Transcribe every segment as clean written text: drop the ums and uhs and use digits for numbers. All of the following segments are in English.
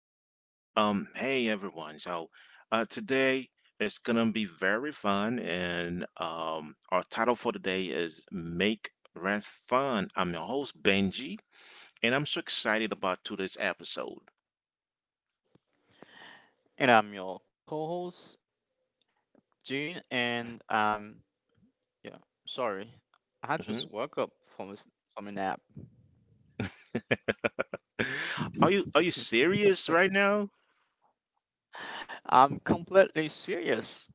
everybody. Hey everyone. So today it's gonna be very fun, and our title for today is "Make Rest Fun." I'm your host Benji, and I'm so excited about today's episode. And I'm your co-host, Gene, and yeah, sorry, I just Hmm. woke up from a, s- from a nap. Are you are you serious right now? I'm completely serious.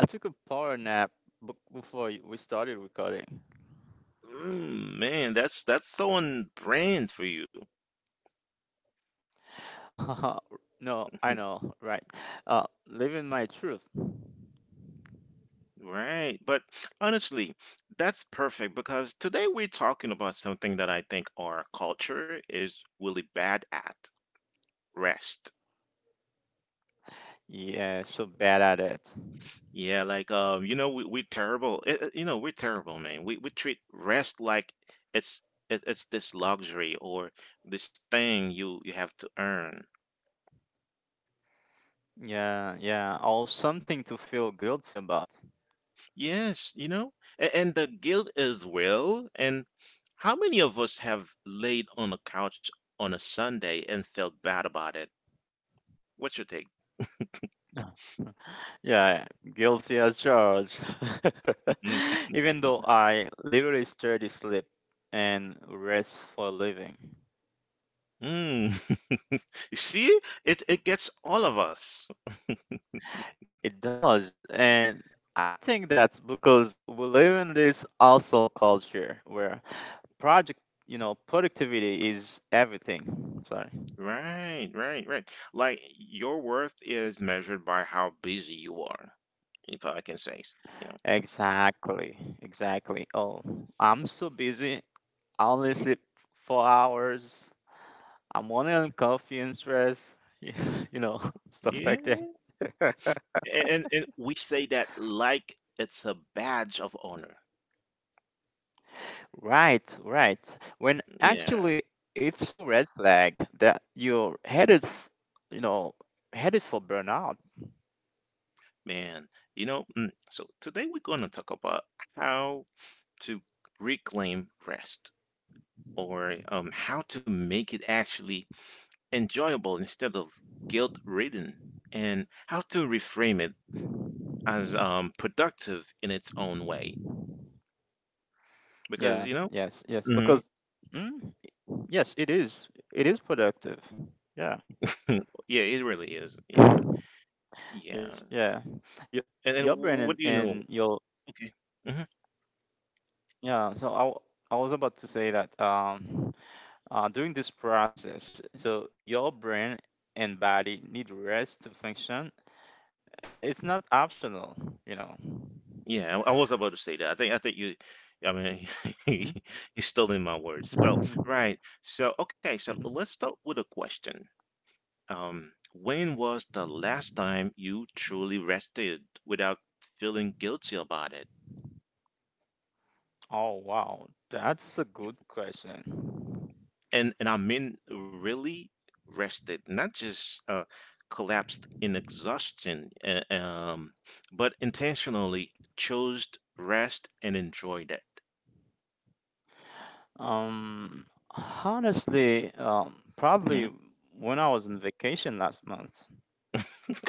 I took a power nap before we started recording. Man, that's so on brand for you. no, I know, right? Living my truth. Right. But honestly, that's perfect because today we're talking about something that I think our culture is really bad at, rest. Yeah, so bad at it. Yeah, like you know, we're terrible. You know, we're terrible, man. We treat rest like it's it's this luxury or this thing you have to earn. Yeah, yeah, or something to feel guilty about. Yes, you know, and the guilt is real. And how many of us have laid on a couch on a Sunday and felt bad about it? What's your take? Yeah, guilty as charged. Even though I literally study sleep and rest for a living. Mm. You see, it gets all of us. It does. And I think that's because we live in this hustle culture where project, you know, productivity is everything. Sorry. Right. Like your worth is measured by how busy you are, if I can say, you know. Exactly. Exactly. Oh, I'm so busy. I only sleep 4 hours. I'm only on coffee and stress. You know, stuff like that. Yeah. And we say that like it's a badge of honor. Right, right. When Yeah, actually it's a red flag that you're you know, headed for burnout. man. You know, so today we're going to talk about how to reclaim rest or how to make it actually enjoyable instead of guilt-ridden, and how to reframe it as productive in its own way. Because you Yes, know, yes, yes. hmm. Because, mm, yes, it is. It is productive. Yeah. Yeah, it really is. Yeah, yeah. Yes, yeah. Your And your brain what and, do you know? and your Okay. Hmm. yeah. I was about to say that during this process, so your brain and body need rest to function. It's not optional, you know. Yeah, I was about to say that. I think you. I mean, you stole in my words. Well, Mhm, right. So okay, so mhm. let's start with a question. When was the last time you truly rested without feeling guilty about it? Oh wow, that's a good question. And I mean really rested, not just collapsed in exhaustion, but intentionally chose rest and enjoyed it. Um, Honestly, Mhm. probably when I was on vacation last month.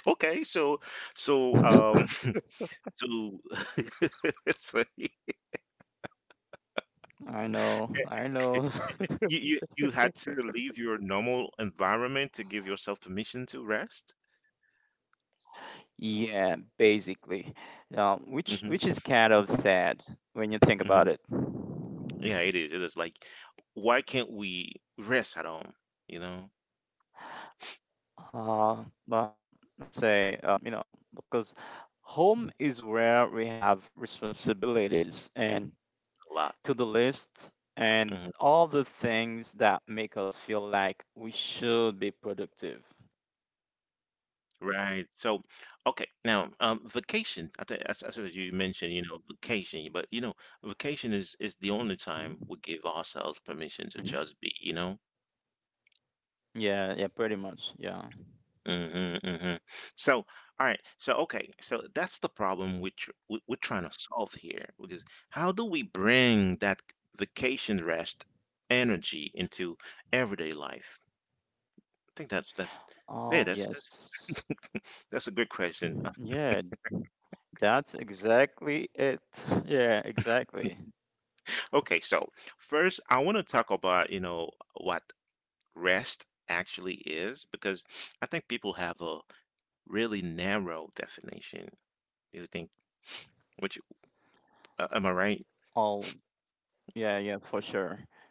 Okay, so so um so, so you, I know, I know. you had to leave your normal environment to give yourself permission to rest. Yeah, basically, Hmm. which is kind of sad when you think Hmm. about it. Yeah, it is. It is like why can't we rest at home? You know, But you know, because home is where we have responsibilities and a lot. to the list and Mm-hmm. all the things that make us feel like we should be productive. Right. So, okay. Now, vacation. I think as you mentioned, you know, vacation. But you know, vacation is the only time we Mhm, give ourselves permission to mhm. just be. You know. Yeah, yeah, pretty much. Yeah. Mm-hmm, mm-hmm. So, all right. So, okay. So that's the problem we tr we we're trying to solve here because how do we bring that vacation rest energy into everyday life? I think that's yeah. Oh, That's yes. that's a good question. Yeah, that's exactly it. Yeah, exactly. Okay, so first, I want to talk about, you know, what rest actually is because I think people have a really narrow definition. Do you think, which, am I right? Oh, yeah, yeah, for sure.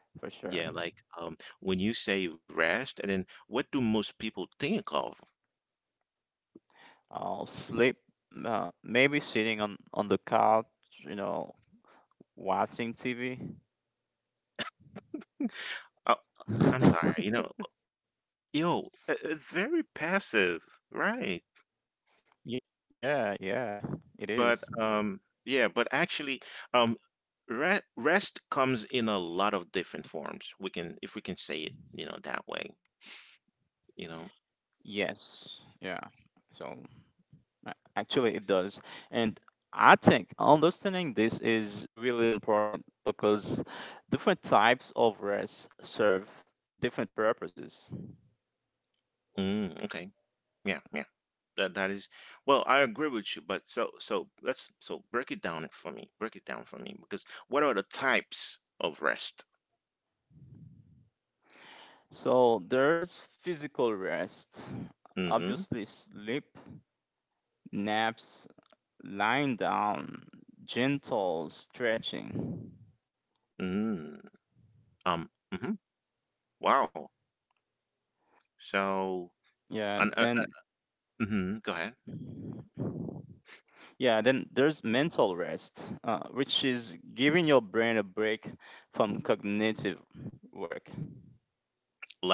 For Yeah, sure. like when you say rest, and then what do most people think of? I'll sleep, maybe sitting on the couch, you know, watching TV. Oh, I'm sorry, you know, yo, it's very passive, right? Ye- Yeah, yeah, it But is. Yeah, but actually, um, re rest comes in a lot of different forms. We can, if we can say it, you know, that way. You know. Yes, yeah. So actually, it does. And I think understanding this is really important because different types of rest serve different purposes. Mm, okay. Yeah, yeah, that that is, well, I agree with you. But let's, so break it down for me, break it down for me, because what are the types of rest? So there's physical rest, Mm-hmm. obviously, sleep, naps, lying down, gentle stretching. mm, mm-hmm, wow. So Yeah, and then. Go ahead. Yeah, then there's mental rest, which is giving your brain a break from cognitive work.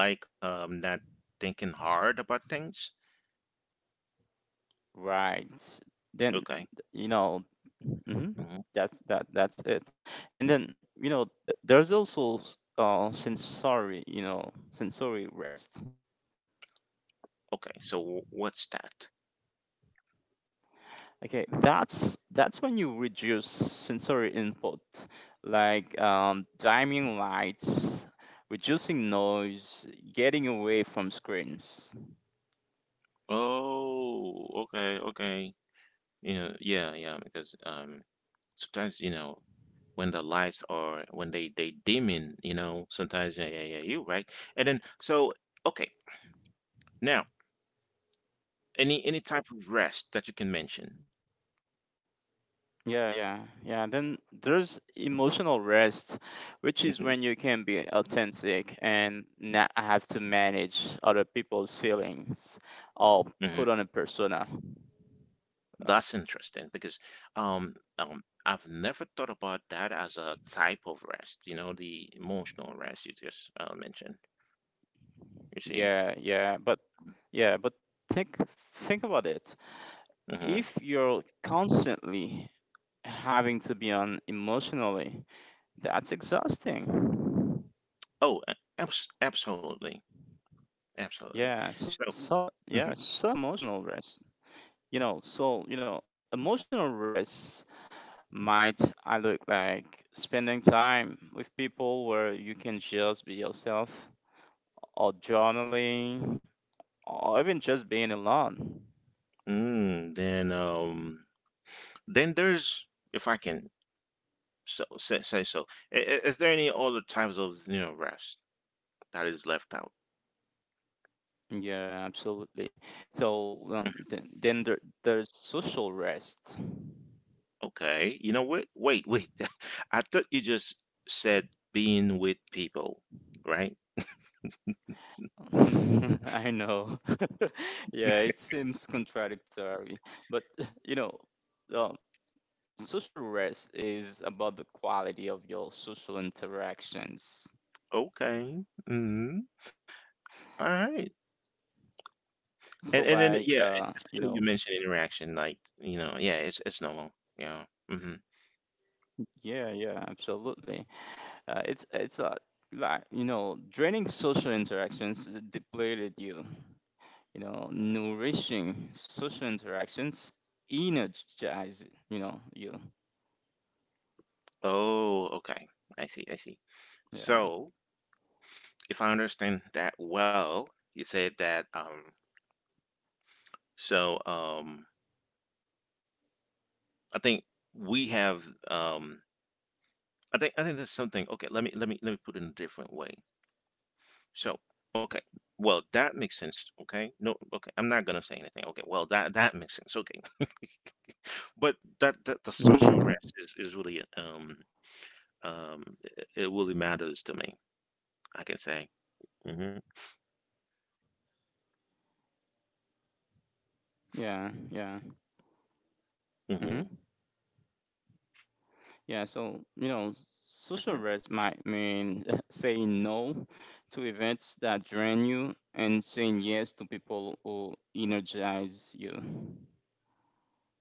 Like not thinking hard about things. Right. Then, Okay. you know, hmm Hmm. that's it. And then, you know, there's also sensory rest. Okay, so what's that? Okay, that's when you reduce sensory input, like dimming lights, reducing noise, getting away from screens. Oh, okay, okay. Yeah, yeah, yeah, because sometimes you know when the lights are when they dimming, you know, sometimes, yeah, yeah, yeah, you right. And then so okay, now, any type of rest that you can mention? Yeah, yeah, yeah. Then there's emotional rest, which is Mhm, when you can be authentic and not have to manage other people's feelings or mhm. put on a persona. That's interesting because I've never thought about that as a type of rest, you know, the emotional rest you just mentioned. You see. Yeah, yeah. But think think about it. Hmm. If you're constantly having to be on emotionally, that's exhausting. Oh, absolutely, absolutely. Yeah, So so yeah, mhm. so emotional rest. You know, emotional rest might I look like spending time with people where you can just be yourself or journaling or even just being alone. mm, then um then there's, if I can, so say, say so. I- i- Is there any other types of, you know, rest that is left out? Yeah, absolutely. So Mhm. Then there's social rest. Okay, you know what? Wait. I thought you just said being with people, right? I know. Yeah, it seems contradictory, but you know, um, social rest is about the quality of your social interactions. Okay. Mm-hmm. All right. So And then like yeah, it's you funny know, you mentioned interaction. Like you know, yeah, it's normal. Yeah. Hmm. Yeah, yeah, absolutely. It's a like you know, draining social interactions depleted you. You know, nourishing social interactions energize you know you. Oh, okay. I see. Yeah. So if I understand that well, you said that. So. I think we have I think that's something. Okay, let me let me put it in a different way. So okay, well that makes sense, okay, no, okay, I'm not gonna say anything, okay, well, that makes sense okay. But that, that the social rest Mhm. is really it, it really matters to me, I can say. Hmm. Yeah, yeah. Hmm. hmm Yeah, so you know, Hmm. social rest might mean saying no to events that drain you and saying yes to people who energize you.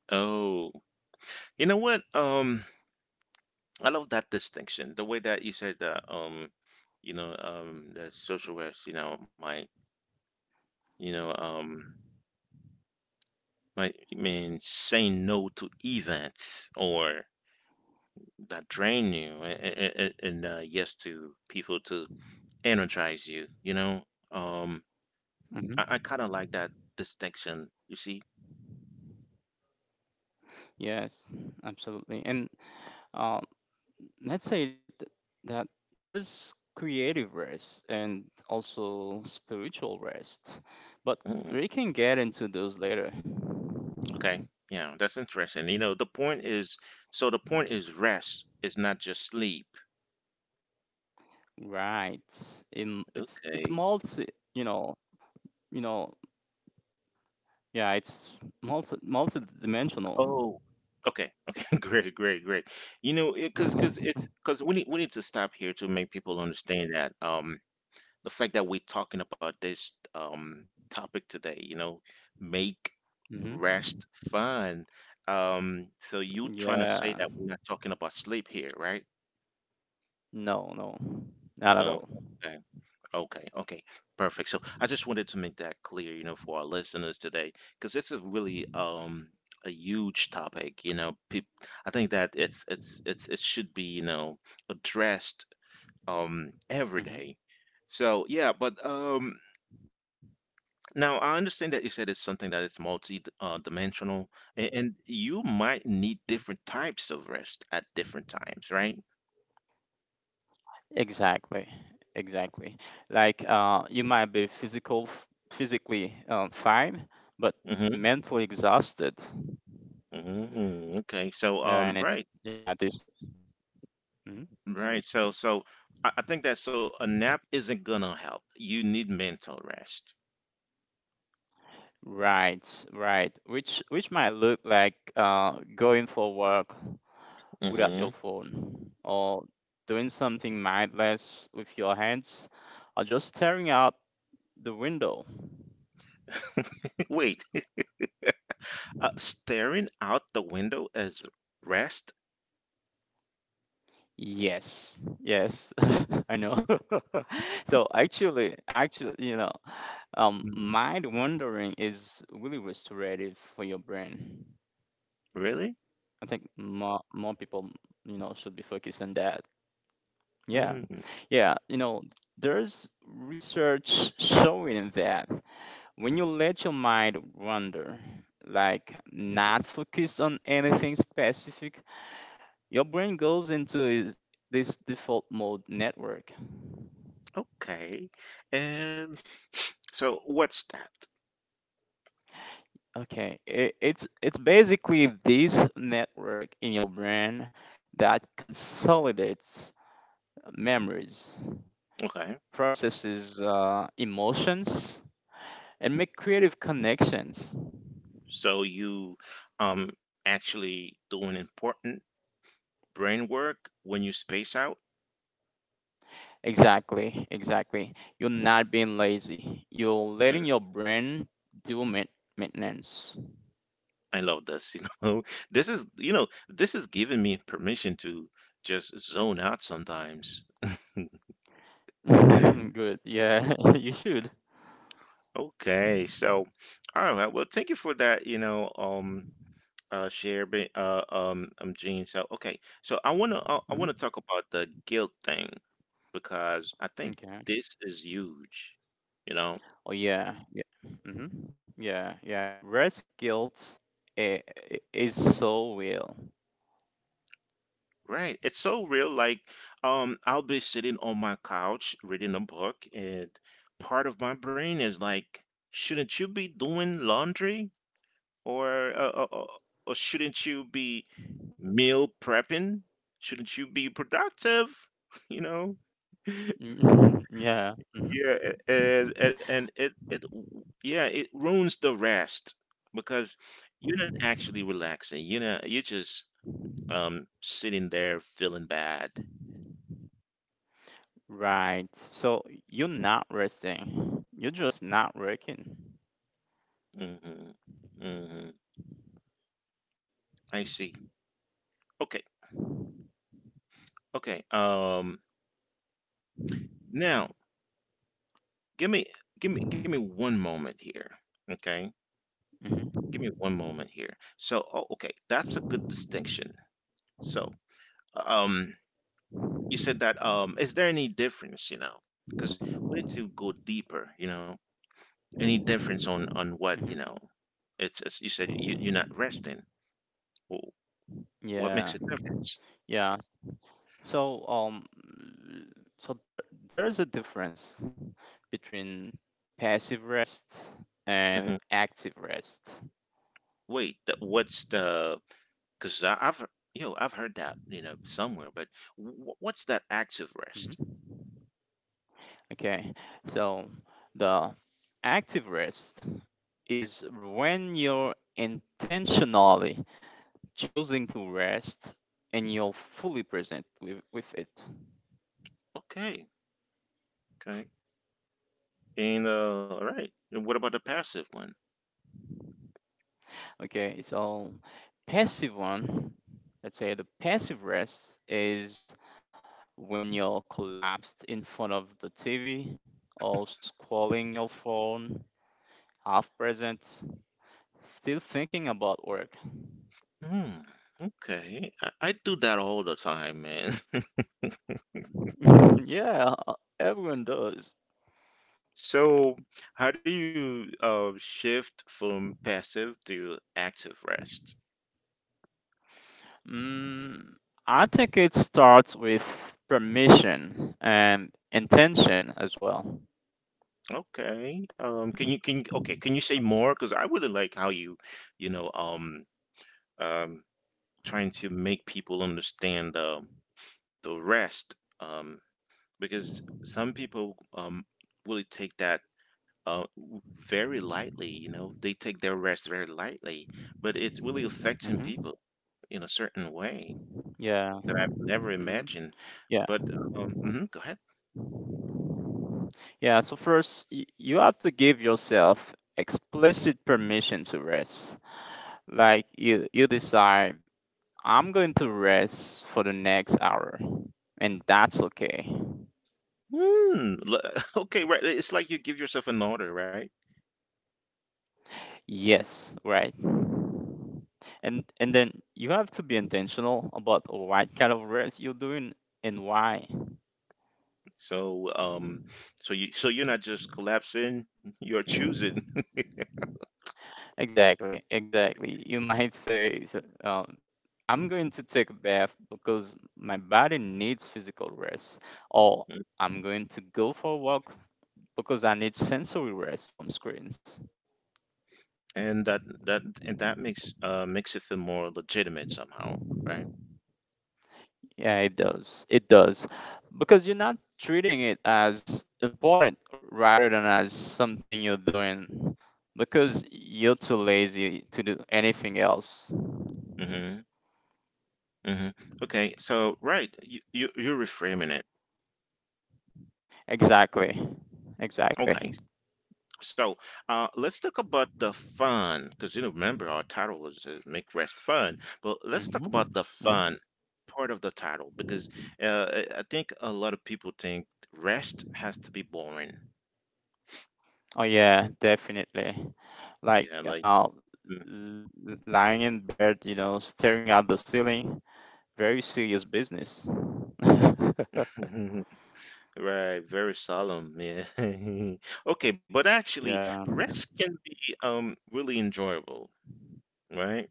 Oh, you know what, I love that distinction, the way that you said that, the social rest, you know, you know um like, I mean, saying no to events or that drain you, and yes to people to energize you. You know, um, I kind of Hmm like that distinction. You see, Yes, absolutely. And uh, let's say th- that there's creative rest and also spiritual rest, but mm, we can get into those later. okay, yeah, that's interesting. You know, the point is, so the point is rest is not just sleep. Right. In Okay. it's multi, you know, you know, yeah, it's multi-dimensional. Oh, okay, okay, great. You know, because it's because we need to stop here to make people understand that the fact that we're talking about this topic today, you know, make Mm-hmm. rest fun. So you trying to say that we're Yeah. not talking about sleep here, right? No, no. No. Not at all. Okay, okay, okay, perfect. So I just wanted to make that clear, you know, for our listeners today, because this is really a huge topic, you know. Peop, I think that it's it should be, you know, addressed every day. Mm-hmm. So yeah, but now, I understand that you said it's something that is multi dimensional, and you might need Mm-hmm. different types of rest at different times, right? Exactly, exactly. Like you might be physically fine, but Mm-hmm. mentally exhausted. Mm-hmm, Okay. So, Yeah, and it's right, yeah this. Mhm. right. So, so I think that so a nap isn't gonna help. You need mental rest. Right, right. Which might look like going for work without Mm-hmm. your phone, or doing something mindless with your hands, or just staring out the window. Wait, staring out the window as rest? Yes, yes, I know. So actually, actually, you know. Mm, Mind wandering is really restorative for your brain. really? I think more people, you know, should be focused on that. Yeah, Mm, yeah. You know, there's research showing that when you let your mind wander, like not focused on anything specific, your brain goes into this default mode network. okay. And so, what's that? Okay, it's basically this network in your brain that consolidates memories, Okay. processes emotions, and make creative connections. So you um actually doing important brain work when you space out. Exactly, exactly. You're not being lazy. You're Mm, letting your brain do maintenance. I love this, you know. This is, you know, this is giving me permission to just zone out sometimes. Good. Yeah, you should. Okay, so all right, well, thank you for that, you know, share Gene. So okay. So I Mhm. want to talk about the guilt thing because I think Okay. this is huge, you know. Oh yeah. Yeah. hmm Yeah. Yeah. Rest guilt i- is so real. Right. It's so real. Like, I'll be sitting on my couch reading a book, and part of my brain is like, shouldn't you be doing laundry? Or, uh, uh, uh, or shouldn't you be meal prepping? Shouldn't you be productive? You know? Mm, Yeah. hmm Yeah. And, and it, yeah, it ruins the rest because you're not actually relaxing. You know, you're just, sitting there feeling bad. Right. So you're not resting. You're just not working. Mm-hmm. Mm-hmm. I see. Okay. Okay. Now give me give me one moment here. Okay? Mm-hmm. Give me one moment here. So oh okay, that's a good distinction. So um you said that is there any difference, you know? Because we need to go deeper, you know. Any difference on hmm what, you know, it's you said you, you're not resting. Wh- What Yeah, makes a difference? yeah. So so there is a difference between passive rest and Hmm. active rest. Wait, what's the, because I've, you know, I've heard that, you know, somewhere, but what's that active Hmm rest? Okay, so the active rest is when you're intentionally choosing to rest and you're fully present with it. Okay, okay. And all right. And what about the passive one? Okay, so passive one, let's say the passive rest is when you're collapsed in front of the TV or scrolling your phone, half present, still thinking about work. Hmm. Okay. I do that all the time, man. yeah, everyone does. So, how do you shift from passive to active rest? Mm, I think it starts with permission and intention as well. Okay. Can you okay, can you say more? Because I really like how you, you know, um, trying to make people understand the rest. Um. Because some people really take that uh w- very lightly, you know, they take their rest very lightly, but it's really affecting Hmm people in a certain way Yeah. that I've never hmm imagined. Yeah. But mhm, go ahead. Yeah. So first, you have to give yourself explicit permission to rest. Like you decide I'm going to rest for the next hour, and that's okay. Hmm, okay, right, it's like you give yourself an order, right? Yes, right. And then you have to be intentional about what kind of rest you're doing and why. So so you, so you're not just collapsing, you're choosing. Exactly, exactly. You might say, so, I'm going to take a bath because my body needs physical rest, or I'm going to go for a walk because I need sensory rest from screens. And that and that makes makes it feel more legitimate somehow, right? Yeah, it does. It does. Because you're not treating it as important rather than as something you're doing because you're too lazy to do anything else. Mm-hmm. Hmm. Okay, so right, you, you're reframing it. Exactly. Exactly. Okay, so let's talk about the fun because you know, remember our title is make rest fun, but let's talk hmm about the hmm fun part of the title because I think a lot of people think rest has to be boring. Oh, yeah, definitely. Like Yeah, like l- lying in bed, you know, staring at the ceiling, very serious business. right, very solemn. Yeah. Okay, but actually, Yeah. rest can be really enjoyable, right?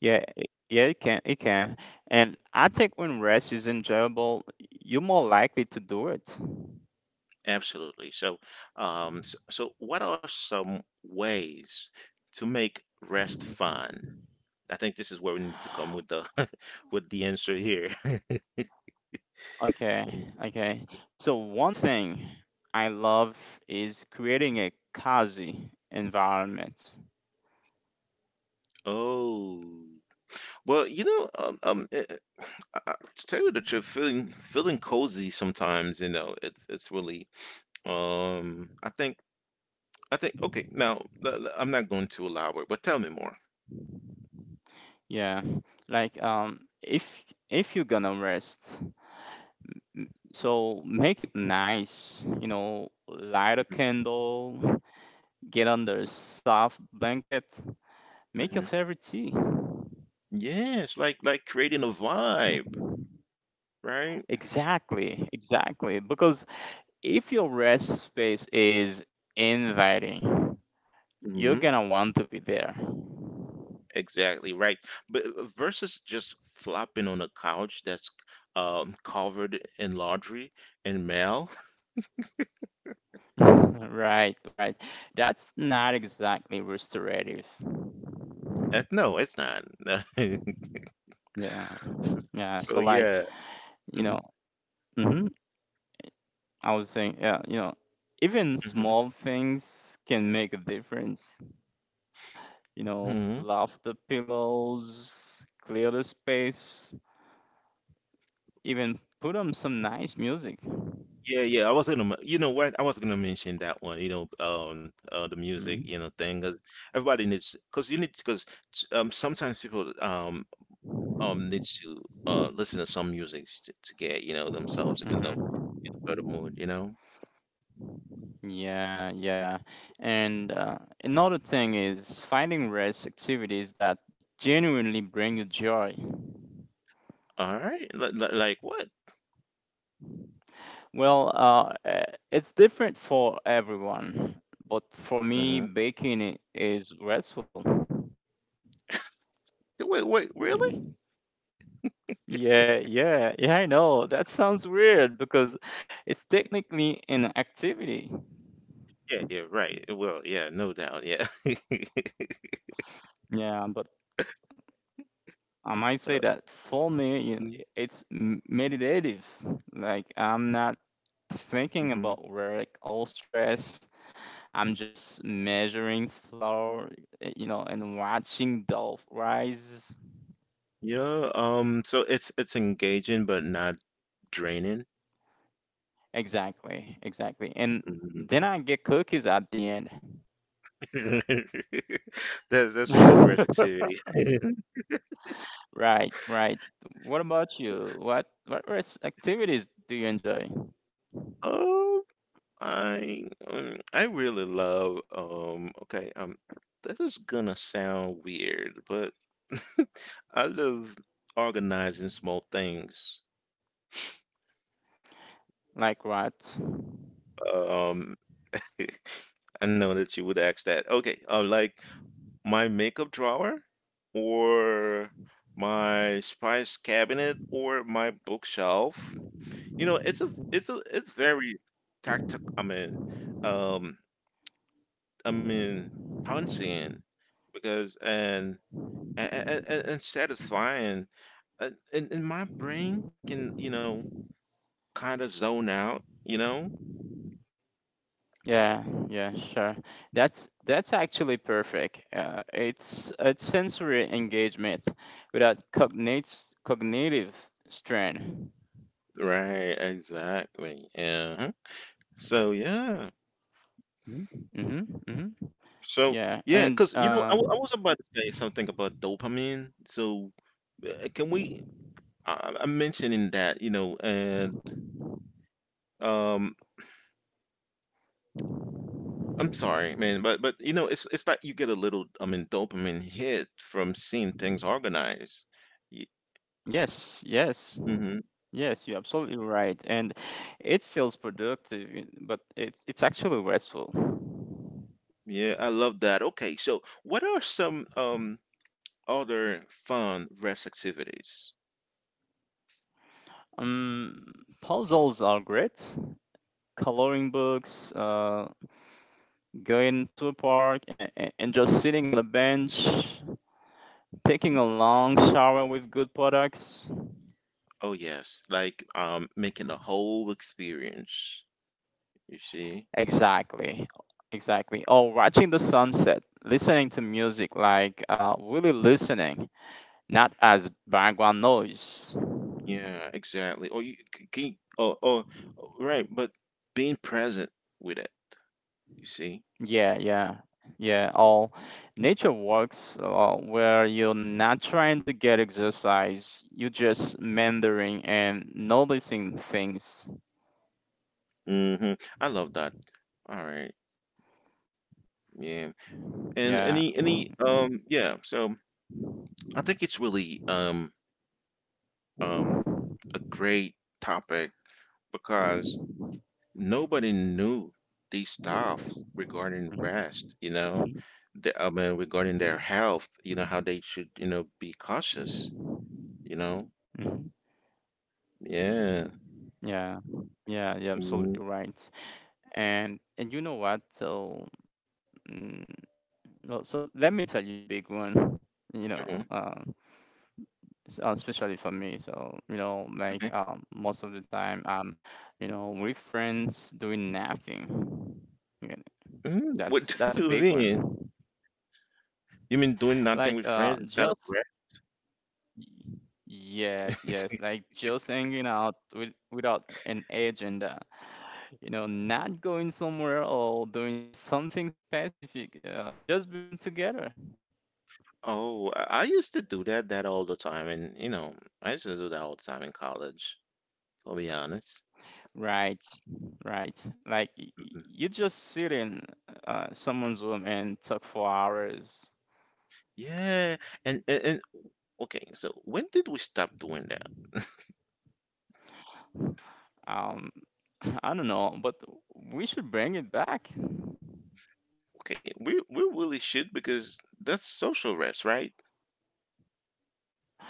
Yeah, it can, it can. And I think when rest is enjoyable, you're more likely to do it. Absolutely. So, what are some ways to make rest fun? I think this is where we need to come with the with the answer here. Okay, okay. So one thing I love is creating a cozy environment. Oh, well, you know, to tell you the truth, feeling cozy sometimes, you know, it's really, um, I think I think okay. Now, I'm not going to elaborate, but tell me more. Yeah, like if you're gonna rest, so make it nice. You know, light a candle, get under a soft blanket, make your Hmm. favorite tea. Yes, like creating a vibe, right? Exactly, exactly. Because if your rest space is inviting, you're gonna want to be there. Exactly right. But versus just flopping on a couch that's covered in laundry and mail. Right, right. That's not exactly restorative. No, it's not. Yeah, yeah. So So, like, yeah. you know, hmm I was saying, yeah, you know, even Mm-hmm. small things can make a difference. You know, Hmm. fluff the pillows, clear the space, even put on some nice music. Yeah, yeah. I was gonna, m- You know what? I was gonna mention that one. You know, the music, you Mm-hmm, know, thing. 'Cause everybody needs, cause you need, cause sometimes people needs to listen to some music to get, you know, themselves in a mm-hmm. better mood. You know. Yeah, yeah. And another thing is finding rest activities that genuinely bring you joy. All right. Like what? Well, it's different for everyone, but for me, Mhm. baking is restful. Wait, wait, really? Yeah, yeah, yeah, I know. That sounds weird because it's technically an activity. Yeah, yeah, right. Well, yeah, no doubt. Yeah. Yeah, but I might say that for me, Mm-hmm. it's meditative. Like, I'm not thinking Mm-hmm. about work all stress, I'm just measuring flour you know, and watching dough rise. Yeah, so it's engaging but not draining. Exactly, exactly, and Hmm. then I get cookies at the end. That that's a good rest activity. right, right. What about you? What rest activities do you enjoy? Oh, I really love okay, this is gonna sound weird, but I love organizing small things. Like what? Um I know that you would ask that. Okay, like my makeup drawer, or my spice cabinet, or my bookshelf. You know, it's very tactic. Um, I mean, pouncing because and satisfying. And my brain can, you know, kind of zone out. You know, Yeah, yeah, sure. That's actually perfect. It's sensory engagement without cognate cognitive strain. right? Exactly. Yeah. So, yeah. Mm-hmm, mm-hmm. So, Yeah, yeah, and because you know, I was about to say something about dopamine. So, can we? I'm mentioning that, you know, and um, I'm sorry, man, but you know, it's like you get a little, I mean, dopamine hit from seeing things organized. yes, yes, Mm-hmm. yes, you're absolutely right. And it feels productive, but it's actually restful. Yeah, I love that. Okay, so what are some other fun rest activities? Um, Puzzles are great. Coloring books, going to a park, and just sitting on a bench. Taking a long shower with good products. Oh, yes, like making a whole experience. You see? Exactly. Exactly. Or watching the sunset, listening to music, like really listening, not as background noise. Yeah, exactly. Or you c- can you, oh, oh, oh, right, but being present with it, you see? Yeah, yeah, yeah. Or nature walks where you're not trying to get exercise, you're just meandering and noticing things. Mm-hmm. I love that. All right. Yeah. And Yeah. Any yeah, so I think it's really um a great topic because nobody knew these stuff regarding Mhm, rest, you know, mhm, I mean regarding their health, you know, how they should, you know, be cautious, you know. mhm. Yeah. Yeah, yeah, yeah, absolutely Mm-hmm. right. And you know what? So Mm, well, so let me tell you a big one. You know, Mm-hmm. Especially for me. So you know, like most of the time, you know, with friends doing nothing. Yeah, Mm, that's what a do big you mean? one. You mean doing Like nothing with friends is kind of just weird? y- yes, yes, like just hanging out with, without an agenda. You know, not going somewhere or doing something specific. Just being together. Oh, I used to do that all the time, and you know, I used to do that all the time in college, I'll be honest. Right. Right. Like Mhm. you just sit in someone's room and talk for hours. Yeah, and okay, so when did we stop doing that? Um, I don't know, but we should bring it back. Okay, we really should because that's social rest, right?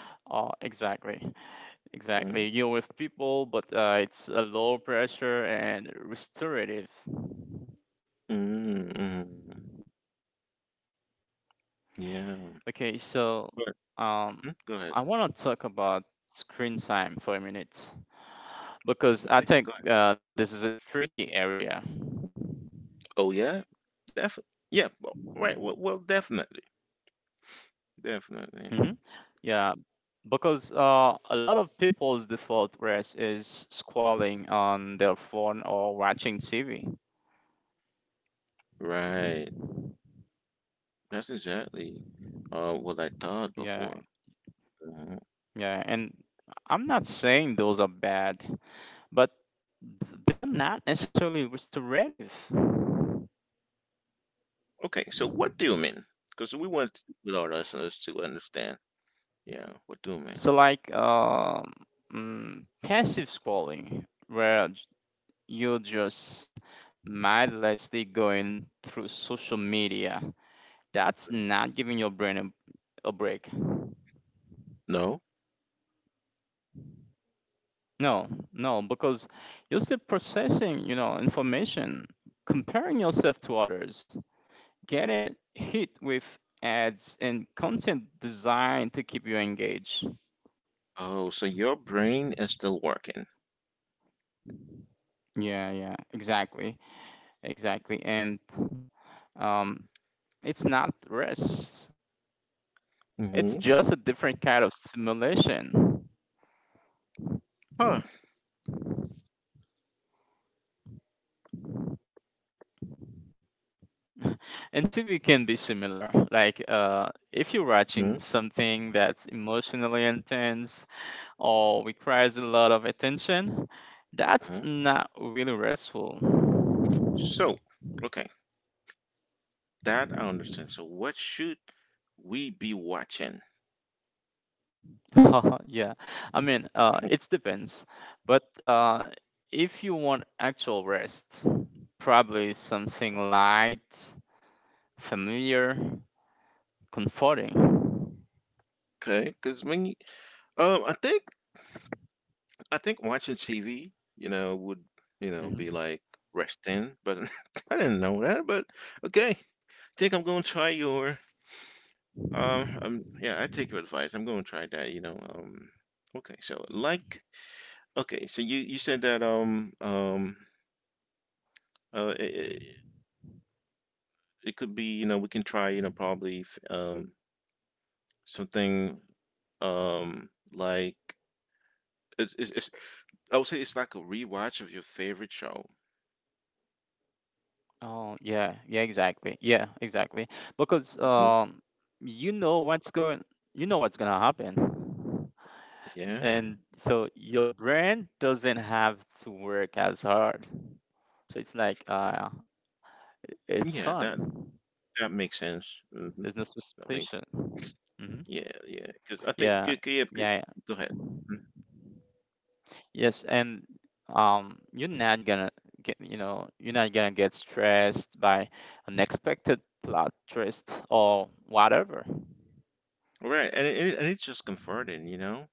Oh, exactly. Exactly. You're Mm, with people, but it's a low pressure and restorative. mm, mm. Yeah. Okay, so But um, go ahead. I want to talk about screen time for a minute because I Okay, think go ahead. This is a tricky area. Oh, yeah, definitely. Yeah, well, right. Well, well, definitely, definitely. Hmm Yeah, because a lot of people's default rest is scrolling on their phone or watching TV. Right. That's exactly what I thought Yeah, before. Mhm. yeah. And I'm not saying those are bad, but they're not necessarily restorative. Okay, so what do you mean? Because we want with our listeners to understand. Yeah, what do you mean? So, like passive scrolling, where you're just mindlessly going through social media, that's not giving your brain a break. No? No, no, because you're still processing, information, comparing yourself to others, getting it hit with ads and content designed to keep you engaged. Oh, so your brain is still working. Yeah, yeah, exactly, exactly. And um, it's not rest; it's Mm-hmm. just a different kind of simulation. Huh. And TV can be similar. Like, if you're Hmm. watching something that's emotionally intense, or requires a lot of attention, that's Hmm. not really restful. So, okay, that I understand. So, what should we be watching? Yeah, I mean, it depends. But if you want actual rest, probably something light, familiar, comforting. Okay, because when you, um, I think I think watching TV, you know, would, you know, be Hmm. like resting, but I didn't know that. But okay, think I'm gonna try your yeah, I take your advice. I'm gonna try that, you know. Okay, so like, okay, so you said that uh it, it it could be, you know, we can try, you know, probably something like it's I would say it's like a rewatch of your favorite show. Oh, yeah, yeah, exactly. Yeah, exactly. Because Mhm. You know what's going, you know what's gonna happen. Yeah, And so your brain doesn't have to work as hard. So it's like it's yeah, that fun. That makes sense. Mhm. There's no That makes suspicion. Hmm. yeah, yeah. Because I think Yeah, good, yeah, good, yeah, yeah. go ahead. Mhm. Yes, and you're not gonna get stressed by unexpected plot twist or whatever. All right, and it's just comforting, you know?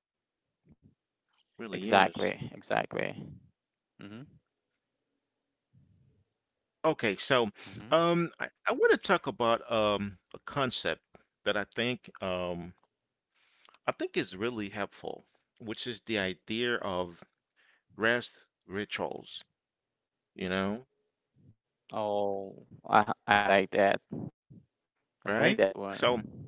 Really is. Exactly, exactly. Hmm. Okay, so, Hmm. I wanna talk about, a concept that I think is really helpful, which is the idea of rest rituals, you know, Oh, I like that. I like right? that So, one.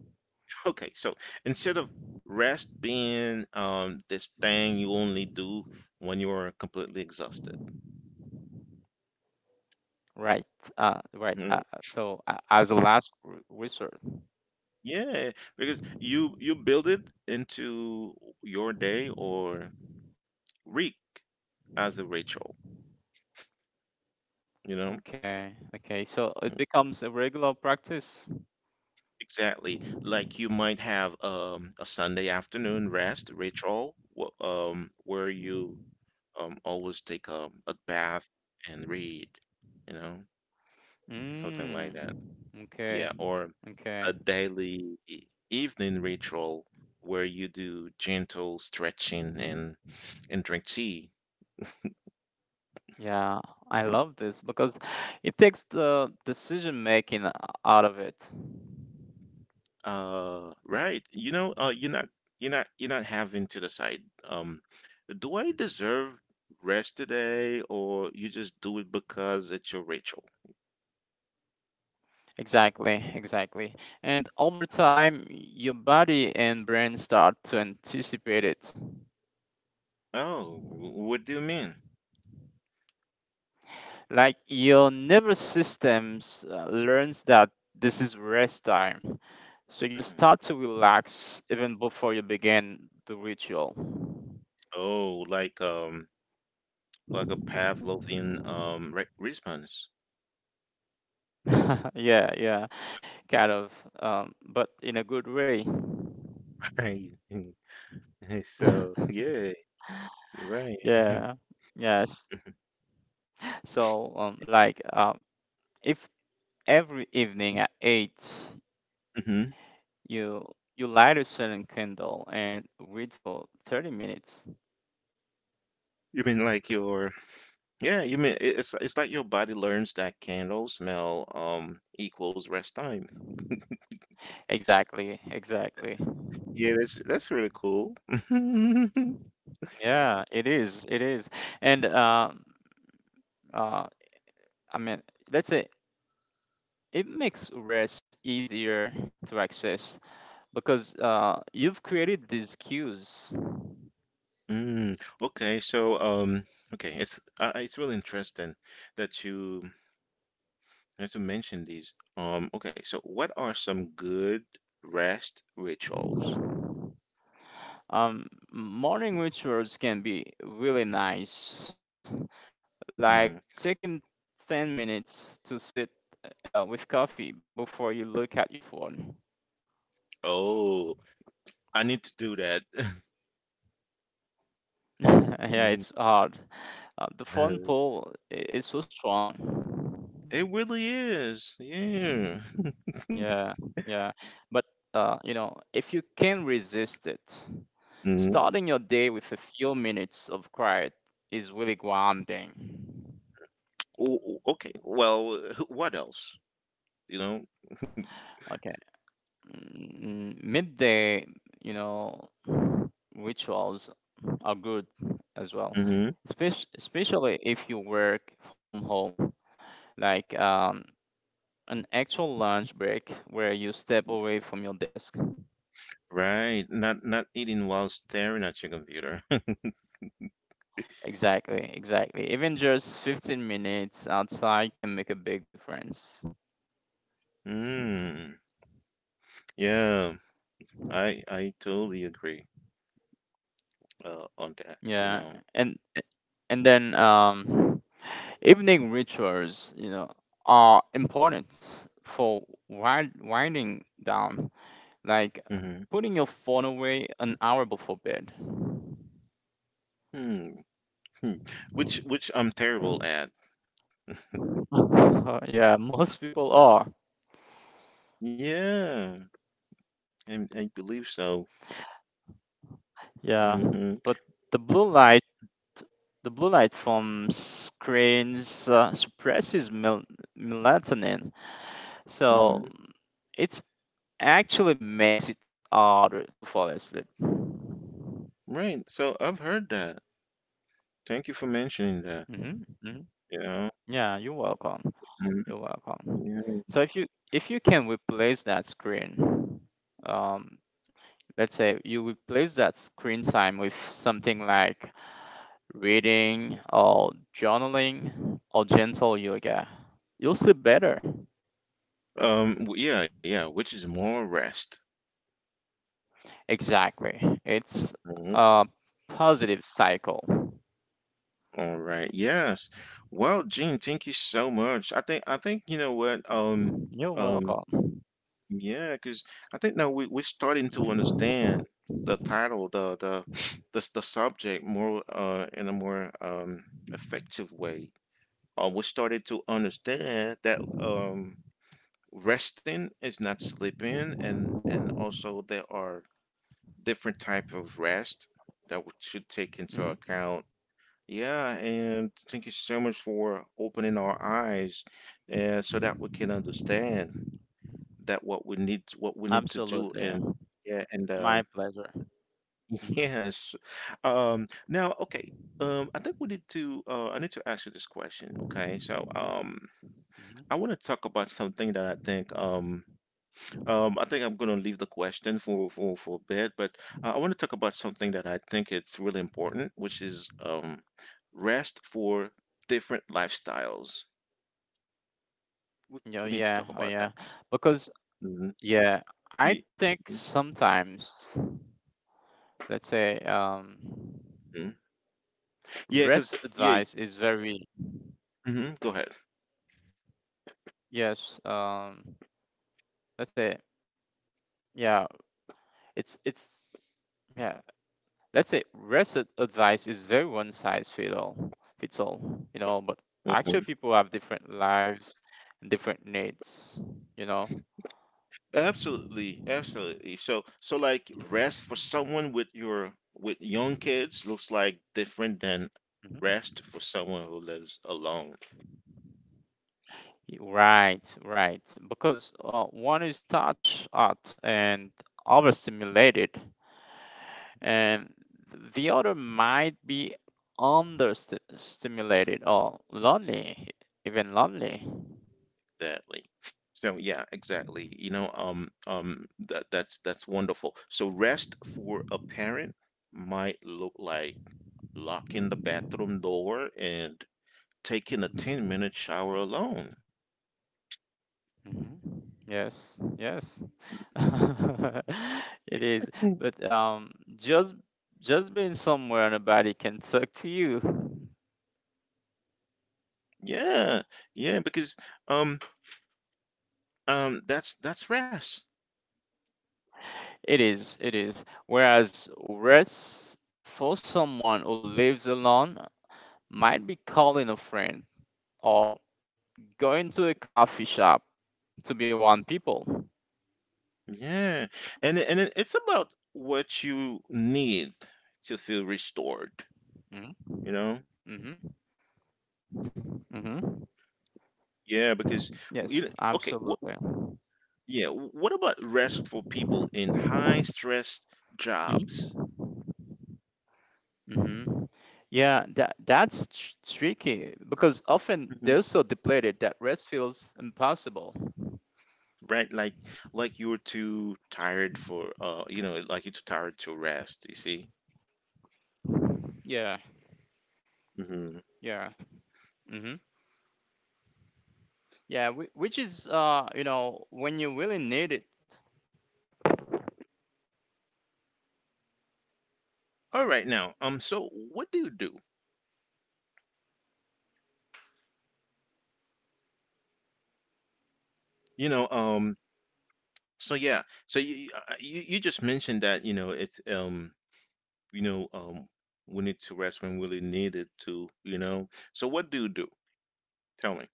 okay, so instead of rest being this thing you only do when you're completely exhausted. Right. Right. Uh, Mhm. so uh, as a last resort. Yeah, because you build it into your day or week as a ritual, you know? Okay, okay. So it Mhm. becomes a regular practice. Exactly. Like you might have a Sunday afternoon rest ritual where you always take a bath and read, you know, something like Mm. that. Yeah, Okay, or a okay. daily evening ritual where you do gentle stretching and drink tea. Yeah, I love this because it takes the decision making out of it. Right. You know, you're not having to decide. Um, do I deserve rest today, or you just do it because it's your ritual? Exactly, exactly. And over time, your body and brain start to anticipate it. Oh, what do you mean? Like your nervous systems learns that this is rest time. So you Mm. start to relax even before you begin the ritual. Oh, like a Pavlovian re response. Yeah, yeah, kind of, but in a good way. Right. So, yeah, you're right. Yeah, yes. So, like, if every evening at eight Hmm. you you light a certain candle and read for 30 minutes. You mean like your Yeah, you mean it's like your body learns that candle smell equals rest time. Exactly, exactly. Yeah, that's really cool. Yeah, it is, it is. And uh, I mean, let's say it makes rest easier to access because you've created these cues. Mm, okay, so okay, it's really interesting that you mentioned these. Okay, so what are some good rest rituals? Um, Morning rituals can be really nice, like Hmm. taking 10 minutes to sit with coffee before you look at your phone. Oh, I need to do that. Yeah, Mm, it's hard. The phone uh, pull is so strong. it really is. Yeah. Yeah, yeah. But if you can resist it, Mm. starting your day with a few minutes of quiet is really grounding. Oh, oh, okay. Well, what else? You know? Okay. Midday, you know, rituals are good as well. Hmm. Especially if you work from home, like an actual lunch break where you step away from your desk. Right. Not not eating while staring at your computer. Exactly, exactly. Even just 15 minutes outside can make a big difference. Mm. Yeah, I totally agree on that, you Yeah, know. and and then evening rituals, are important for winding down, like Hmm. putting your phone away an hour before bed. Hmm. Hmm. Which I'm terrible at. Yeah, most people are. Yeah, I believe so. Yeah, Mm-hmm. but the blue light, the blue light from screens suppresses melatonin, Mm-hmm. so it actually makes it harder to fall asleep. Right. So, I've heard that. Thank you for mentioning that. Hmm. Hmm. You know. Yeah, you're welcome. Mhm. You're welcome. Yeah. So if you can replace that screen, um, let's say you replace that screen time with something like reading or journaling or gentle yoga, you'll sleep better. Yeah. Yeah. Which is more rest. Exactly. It's Mm-hmm. a positive cycle. All right. Yes. Well, Gene, thank you so much. I think you know what. You're Um. welcome. Yeah, because I think now we're starting to Hmm. understand the title, the the the subject more in a more effective way. We started to understand that resting is not sleeping, and also there are different type of rest that we should take into Hmm. account, yeah, and thank you so much for opening our eyes, so that we can understand that what we need to do, Absolutely. and yeah, and My pleasure. Hmm. yes. Now, okay. I think we need to. I need to ask you this question. Okay, so Hmm. I want to talk about something that I think I'm going to leave the question for a bit, but I want to talk about something that I think it's really important, which is rest for different lifestyles. We, Oh, we need to yeah. talk Oh, about yeah. that. Because, Hmm. yeah, Yeah. I think sometimes, let's say, Hmm. Yeah, because rest yeah. advice is very, Hmm. Go ahead. yes, let's say, yeah, it's yeah. Let's say rest advice is very one size fit all, fits all, you know. But actually, Hmm. people have different lives and different needs, you know. Absolutely, absolutely. So, like Mhm. rest for someone with your with young kids looks like different than Mhm. rest for someone who lives alone. Right, right. Because one is touch art and overstimulated, and the other might be understimulated or lonely, even lonely. Exactly. So, yeah, exactly. You know, that's wonderful. So, rest for a parent might look like locking the bathroom door and taking a 10-minute shower alone. Mhm. Yes, yes, it is. Mm. But just being somewhere and a body can talk to you. Yeah, yeah, because um that's rest. It is, it is. Whereas rest for someone who lives alone might be calling a friend or going to a coffee shop to be one people. Yeah. It's about what you need to feel restored, Mm-hmm. you know? Mm-hmm. Mm-hmm. Yeah, because you know, Yes, okay, what, absolutely. yeah, what about rest for people in high stress jobs? Hmm. Yeah, that's tricky because often Mhm. they're so depleted that rest feels impossible. Right? Like you're too tired for you know, like you're too tired to rest, you see? Yeah, Hmm. yeah. Hmm. Yeah. Which is, when you really need it. All right, now. Um, so what do? You know, so yeah. So, you you just mentioned that, you know, it's you know, we need to rest when we really need it to, you know. So, what do you do? Tell me.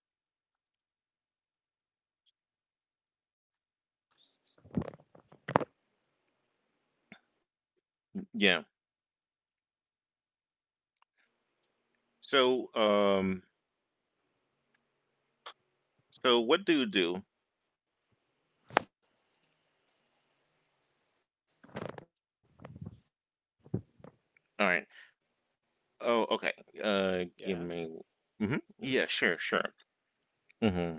Yeah. So, so what do you do? All right. Oh, okay. Yeah. Give me. Mm-hmm. Hmm. Yeah, sure, sure. Mm-hmm.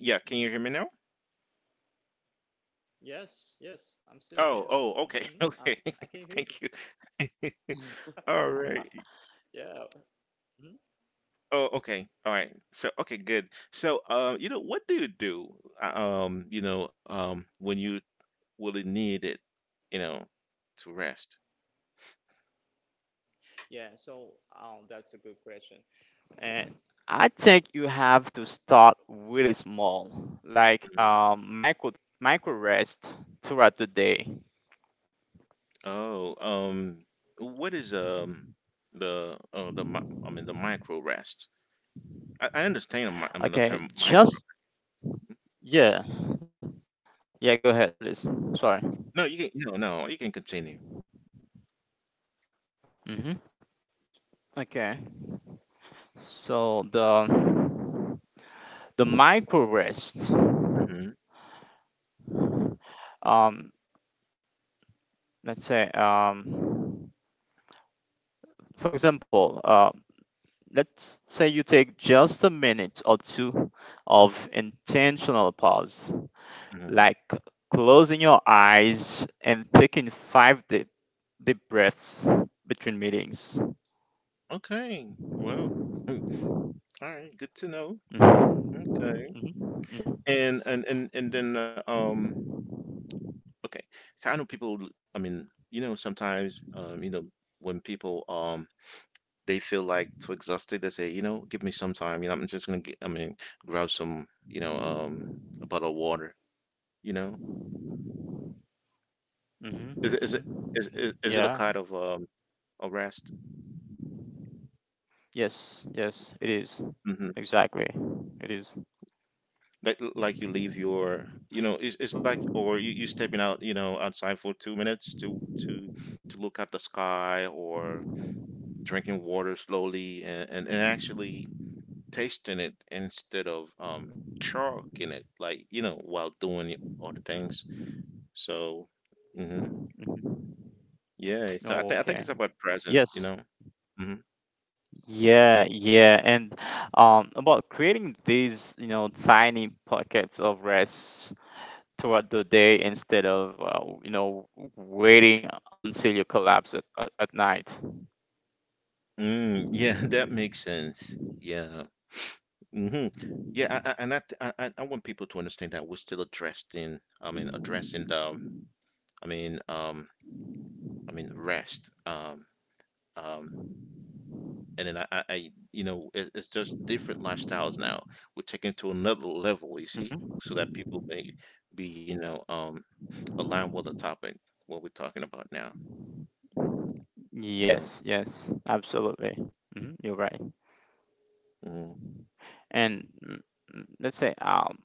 Yeah, Hmm. can you hear me now? Yes, yes, I'm still Oh, here. oh, Hmm. okay, I'm. I okay. can hear you. Thank you. All right. Yeah. Mhm. Oh, okay. All right. So, okay, good. So, you know, what do, you know, when you really need it, you know, to rest? Yeah. So, that's a good question. And I think you have to start really small, like Mhm. Micro rest throughout the day. Oh, what is the I mean the micro rest? I understand I mean the Okay, term. just yeah, yeah. Go ahead, please. Sorry. No, you can, no, no, you can continue. Hmm. Okay. So the micro rest. Mhm, Um, let's say for example, let's say you take just a minute or two of intentional pause, mhm. like closing your eyes and taking five deep, deep breaths between meetings. Okay, well, all right, good to know. Mhm, Okay. mhm, mhm, And then okay. So I know people, I mean, sometimes, when people they feel like too exhausted, they say, give me some time, I'm just gonna get, I mean, grab some, a bottle of water, you know. mhm, Is it is it mhm. is it a Yeah. kind of a rest? Yes. Yes. It is Mm-hmm. exactly. It is. Like you leave your, it's like, or you stepping out, outside for 2 minutes to to look at the sky, or drinking water slowly, and actually tasting it instead of chugging it, like while doing other things, Mhm, so hmm mhm. yeah. So I think it's Okay. about presence. Yes. hmm Yeah. Yeah. And about creating these, tiny pockets of rest throughout the day, instead of waiting until you collapse at night. mm, yeah, that makes sense. Yeah. hmm Yeah, I, and I, I want people to understand that we're still addressing, I mean, addressing I mean, um, I mean, rest, um, and then I it's just different lifestyles now. We're taking to another level, you see, Mm-hmm. so that people may be, aligned with the topic what we're talking about now, you Yes, know. yes, absolutely. Hmm. You're right. Mm. And let's say,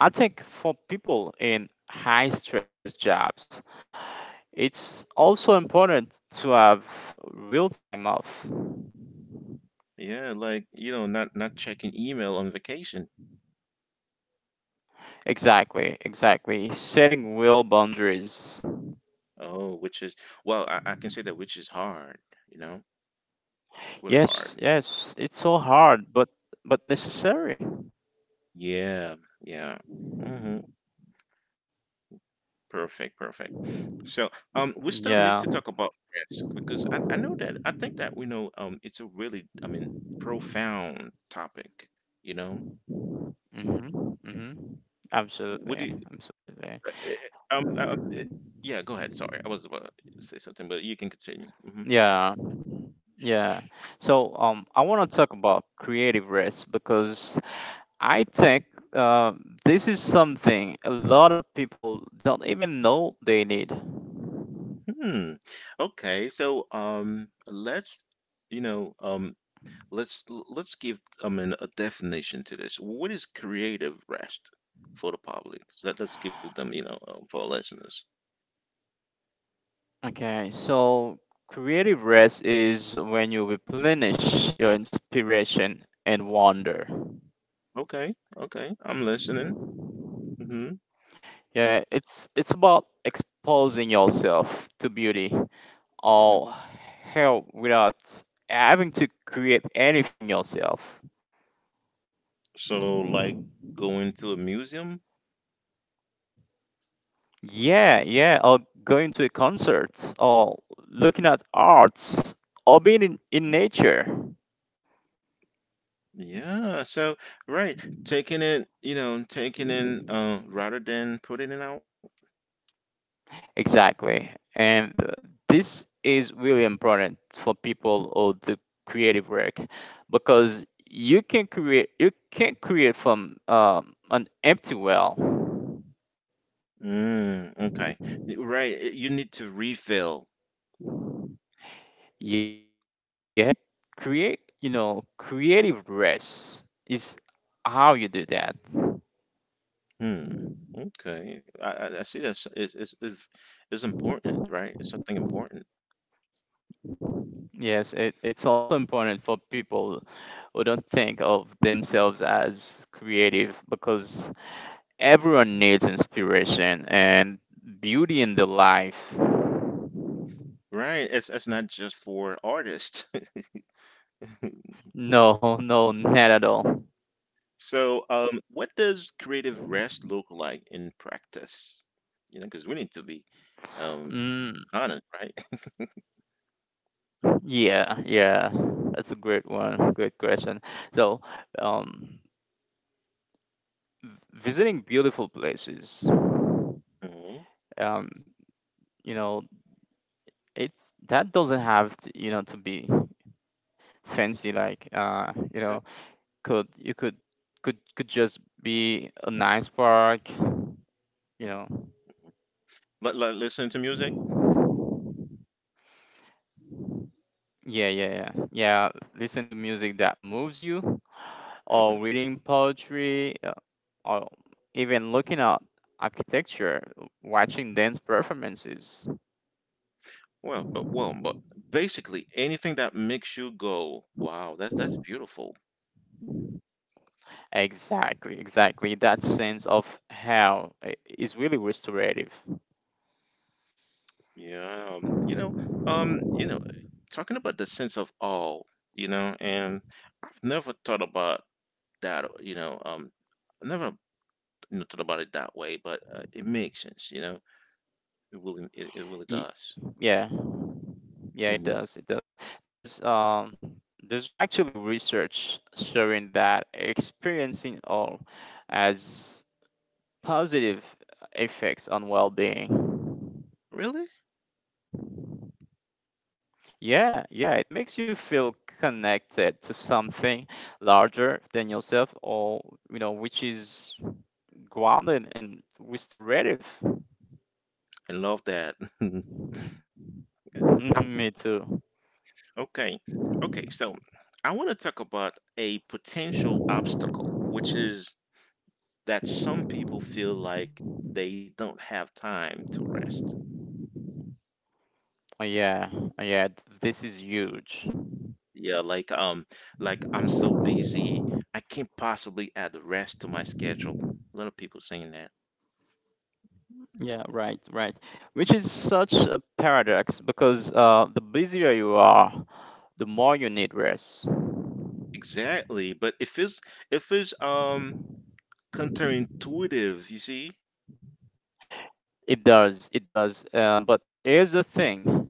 I think for people in high stress jobs, it's also important to have real time off. Yeah, like, not checking email on vacation. Exactly, exactly. Setting real boundaries. Oh, which is, well, I can say that which is hard, you know, really hard. Yes, yes, it's so hard, but necessary. Yeah, yeah. hmm Perfect, perfect. So, we still need Yeah. to talk about risk because I know that I think that we know it's a really, I mean, profound topic, you know. Mm-hmm. Mm-hmm. Would it Absolutely, uh, absolutely. uh, eh, eh, um uh, uh, yeah, go ahead. Sorry, I was about to say something, but you can continue. Yeah, yeah. So I want to talk about creative rest because I think uh, this is something a lot of people don't even know they need. Hmm. Okay, so let's you know Let's let's give, I mean, a definition to this. What is creative rest for the public? Let's give them, for our listeners. Okay. So creative rest is when you replenish your inspiration and wonder. Okay, okay, I'm listening. hmm Yeah, it's about exposing yourself to beauty hmm or help without having to create anything yourself. So, like going to a museum? Yeah, yeah, or going to a concert, or looking at arts, or being in nature. Yeah. So, right, taking in, rather than putting it out. Exactly. And this is really important for people who do creative work, because you can create from an empty well. Mm, okay. Right, you need to refill. Yeah, and create create you know creative rest is how you do that. Hmm. Okay. I see that's it's important, right? It's something important. Yes, it's also important for people who don't think of themselves as creative, because everyone needs inspiration and beauty in their life. Right, it's not just for artists. No, no, not at all. So, what does creative rest look like in practice? Because we need to be um Mm, honest, right? yeah, yeah. That's a great one. Good question. So, um, visiting beautiful places, Mhm. um, you know, it's that doesn't have to, to be fancy, like Okay. Could you could just be a nice park, you know Like, listen to music. yeah, yeah, yeah, yeah. Listen to music that moves you, or hmm reading poetry, or even looking at architecture, watching dance performances. well, but basically anything that makes you go, wow, that's beautiful. Exactly, exactly. That sense of how, is really restorative. Yeah, um, you know, talking about the sense of awe, and I've never thought about that, never nothing about it that way, but it makes sense. It really Y- does. yeah. Yeah, it hmm does. It does. There's um there's actually research showing that experiencing awe has positive effects on well-being. Really. Yeah, yeah, it makes you feel connected to something larger than yourself, or which is grounded and restorative. I love that. Mhm. Me too. Okay, okay. So I want to talk about a potential obstacle, which is that some people feel like they don't have time to rest. Oh, yeah, oh, yeah, this is huge. Yeah, like I'm so busy, I can't possibly add rest to my schedule. A lot of people saying that. Yeah, right, right. Which is such a paradox, because the busier you are, the more you need rest. Exactly, but it feels counterintuitive. You see It does, it does. But here's the thing,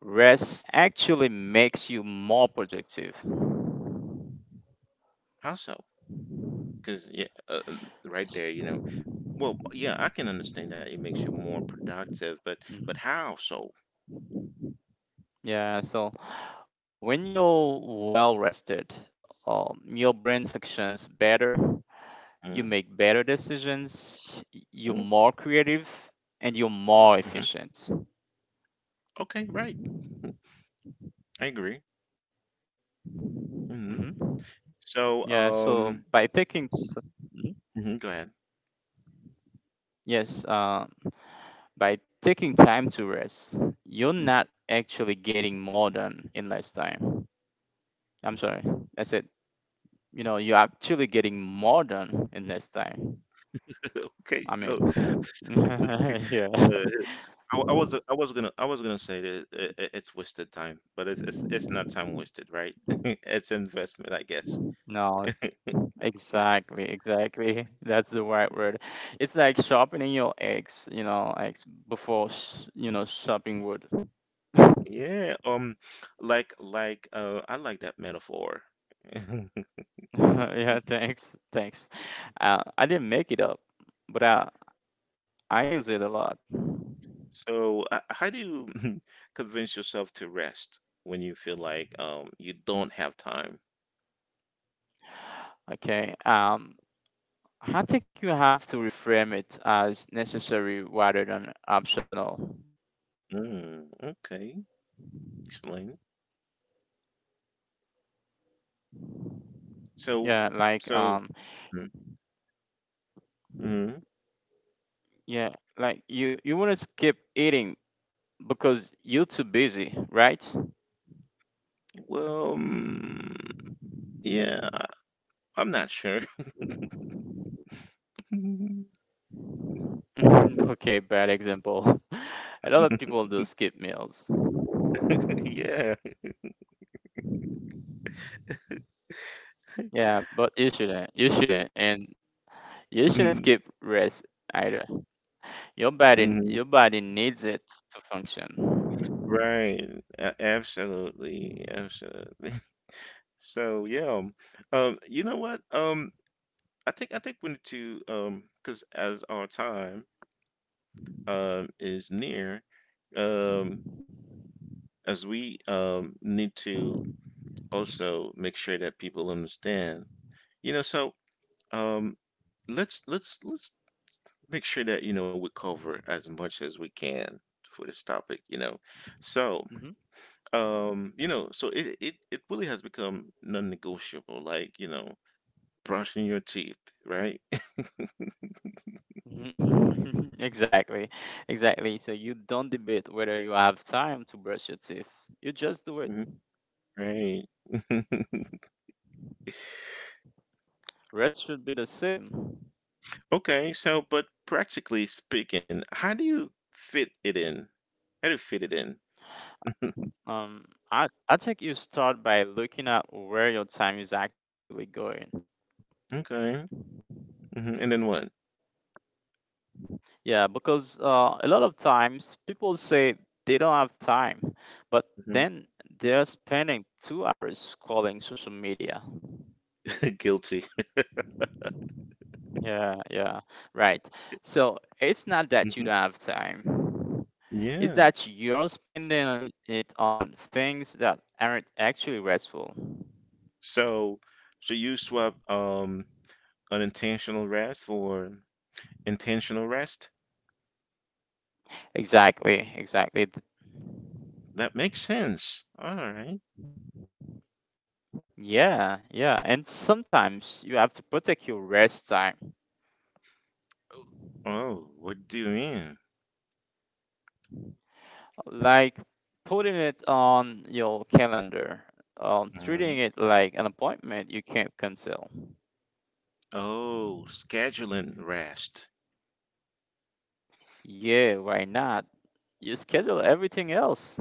rest actually makes you more productive. how so? Because yeah, right there, S- you know. Well, yeah, I can understand that it makes you more productive, but mhm. how so? Yeah, so when you're well rested, your brain functions better, you Mm, make better decisions, you're mm, more creative, and you're more Mm-hmm. Efficient. Okay, right. I agree. hmm Hmm. So, Yeah, so by Mhm. mhm, go ahead. Yes, by taking time to rest, you're not actually getting more done in less time. I'm sorry, that's it. You know, you're actually getting more done in less time. Okay, I so mean, yeah, uh, I was gonna say that it's wasted time, but it's not time wasted, right? It's investment, I guess. no, it's exactly, exactly. That's the right word. It's like sharpening your axe, before chopping wood. Yeah, I like that metaphor. Yeah, thanks, thanks. I didn't make it up, but I use it a lot. So, how do you convince yourself to rest when you feel like you don't have time? Okay. I think you have to reframe it as necessary rather than optional. Mm, okay, explain. Yeah, So, like so, um, Mhm. Mhm. yeah, like you want to skip eating because you're too busy, right? Well, mm, yeah, I'm not sure. Okay, bad example. A lot of people do skip meals. Yeah. Yeah, but you shouldn't. You shouldn't, and you shouldn't Mm, skip rest either. Your body, mhm. your body needs it to function. Right. Absolutely. Absolutely. So yeah, you know what? I think we need to, because as our time is near, um, as we need to also make sure that people understand. So um, let's make sure that we cover as much as we can for this topic. So Mhm. It really has become non-negotiable, like, brushing your teeth, right? Mhm. Exactly, exactly. So you don't debate whether you have time to brush your teeth. You just do it. Mhm. Right. Rest should be the same. Okay, so but practically speaking, how do you fit it in? How do you fit it in? Um, I think you start by looking at where your time is actually going. Okay. And then what? Yeah, because a lot of times people say they don't have time, but hmm then they're spending 2 hours scrolling social media. Guilty. Yeah, yeah, right. So it's not hmm that you don't have time. Yeah. It's that you're spending on it on things that aren't actually restful. So, so, you swap unintentional rest for intentional rest? Exactly, exactly. That makes sense. All right. Yeah, yeah. And sometimes you have to protect your rest time, Oh, what do you mean? like putting it on your calendar, treating hmm it like an appointment you can't cancel. Oh, scheduling rest. Yeah, why not? You schedule everything else.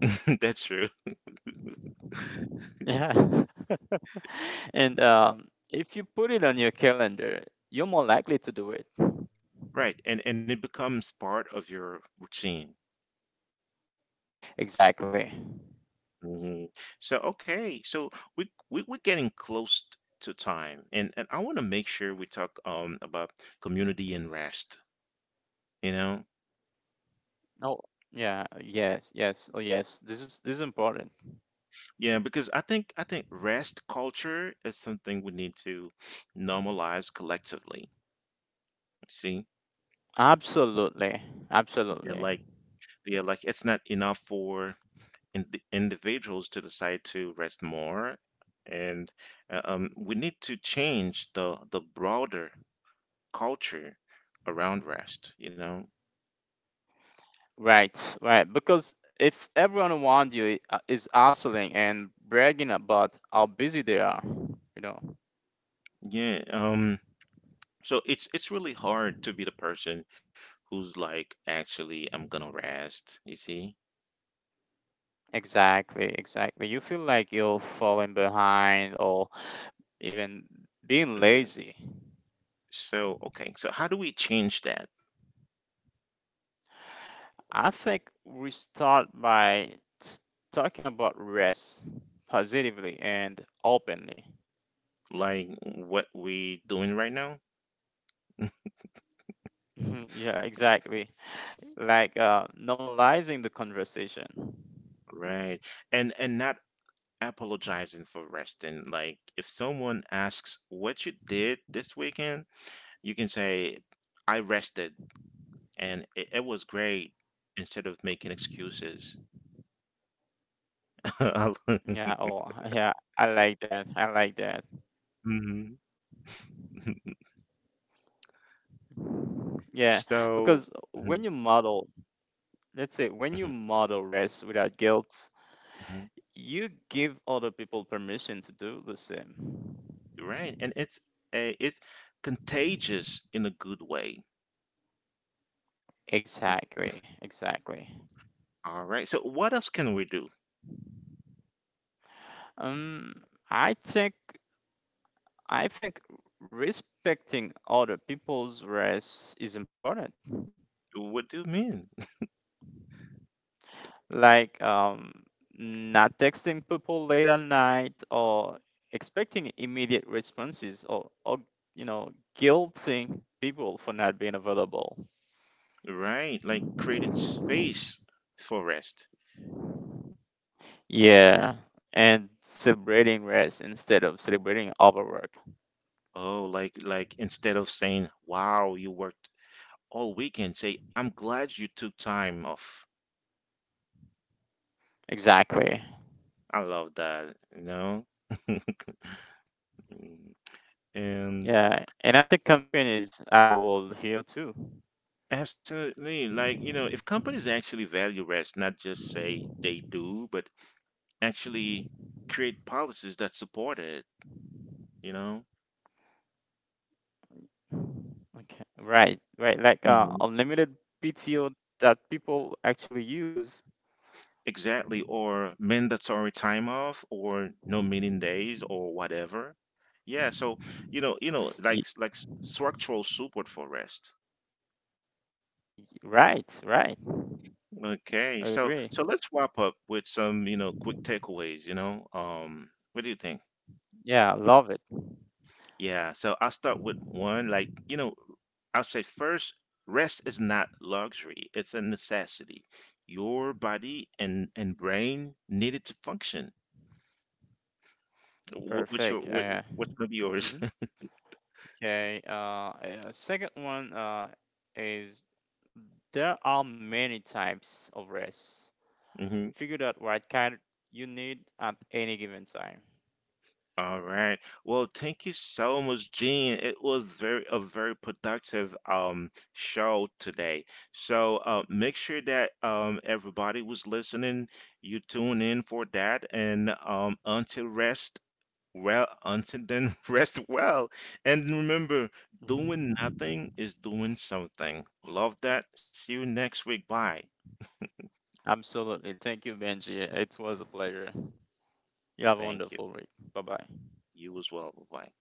That's true. Yeah. And if you put it on your calendar, you're more likely to do it. Right, and it becomes part of your routine. Exactly. hmm So okay, so we're getting close to time, and I want to make sure we talk about community and rest. You know, Oh, yeah. Yes. Yes. Oh, yes. This is important. yeah, because I think rest culture is something we need to normalize collectively. See, Absolutely. yeah, Absolutely. like yeah, like it's not enough for in individuals to decide to rest more, and we need to change the broader culture around rest, you know? Right. Right. Because if everyone around you is hustling and bragging about how busy they are, you know. Yeah. So it's really hard to be the person who's like, actually I'm gonna rest, you see? Exactly. Exactly. You feel like you're falling behind, or even being hmm lazy. So okay, so how do we change that? I think we start by t- talking about rest positively and openly. Like what we doing right now? Yeah, exactly. Like normalizing the conversation. Right. And not apologizing for resting. Like if someone asks what you did this weekend, you can say, I rested and it was great, instead of making excuses. Yeah, oh, yeah, I like that. I like that. Mhm. Yeah, So because Mhm, when you model, let's say when you mhm, model rest without guilt, mhm. you give other people permission to do the same. You're right, and it's contagious in a good way. Exactly, exactly. All right. So what else can we do? Um, I think. I think respecting other people's rest is important. What do you mean? Like not texting people late at night, or expecting immediate responses, or you know guilting people for not being available. Right, like creating space for rest. Yeah, and celebrating rest instead of celebrating overwork. Oh, like instead of saying, "Wow, you worked all weekend," say, "I'm glad you took time off." Exactly. I love that, you know? And Yeah, and I think companies have a role here too. absolutely. Like, if companies actually value rest, not just say they do, but actually create policies that support it, you know? Okay. Right, right. Like Mhm. unlimited PTO that people actually use. Exactly. Or mandatory time off or no meeting days or whatever. Yeah, so like Y- like structural support for rest. Right, right. Okay, so Agree. so let's wrap up with some, quick takeaways. What do you think? Yeah, love it. Yeah, so I'll start with one. Like, I'll say first, rest is not luxury, it's a necessity. Your body and brain need it to function. What, what's your what, Perfect. What's gonna be yours? Mhm. Okay. Second one is, there are many types of rest. Mhm. Figure out what kind you need at any given time. All right. Well, thank you so much, Gene. It was very a very productive show today. So make sure that everybody was listening. You tune in for that. And until then, rest well. And remember, doing Mhm. nothing is doing something. Love that. See you next week. Bye. Absolutely. Thank you, Benji. It was a pleasure. You have a Thank you. wonderful week. Bye bye. You as well. Bye.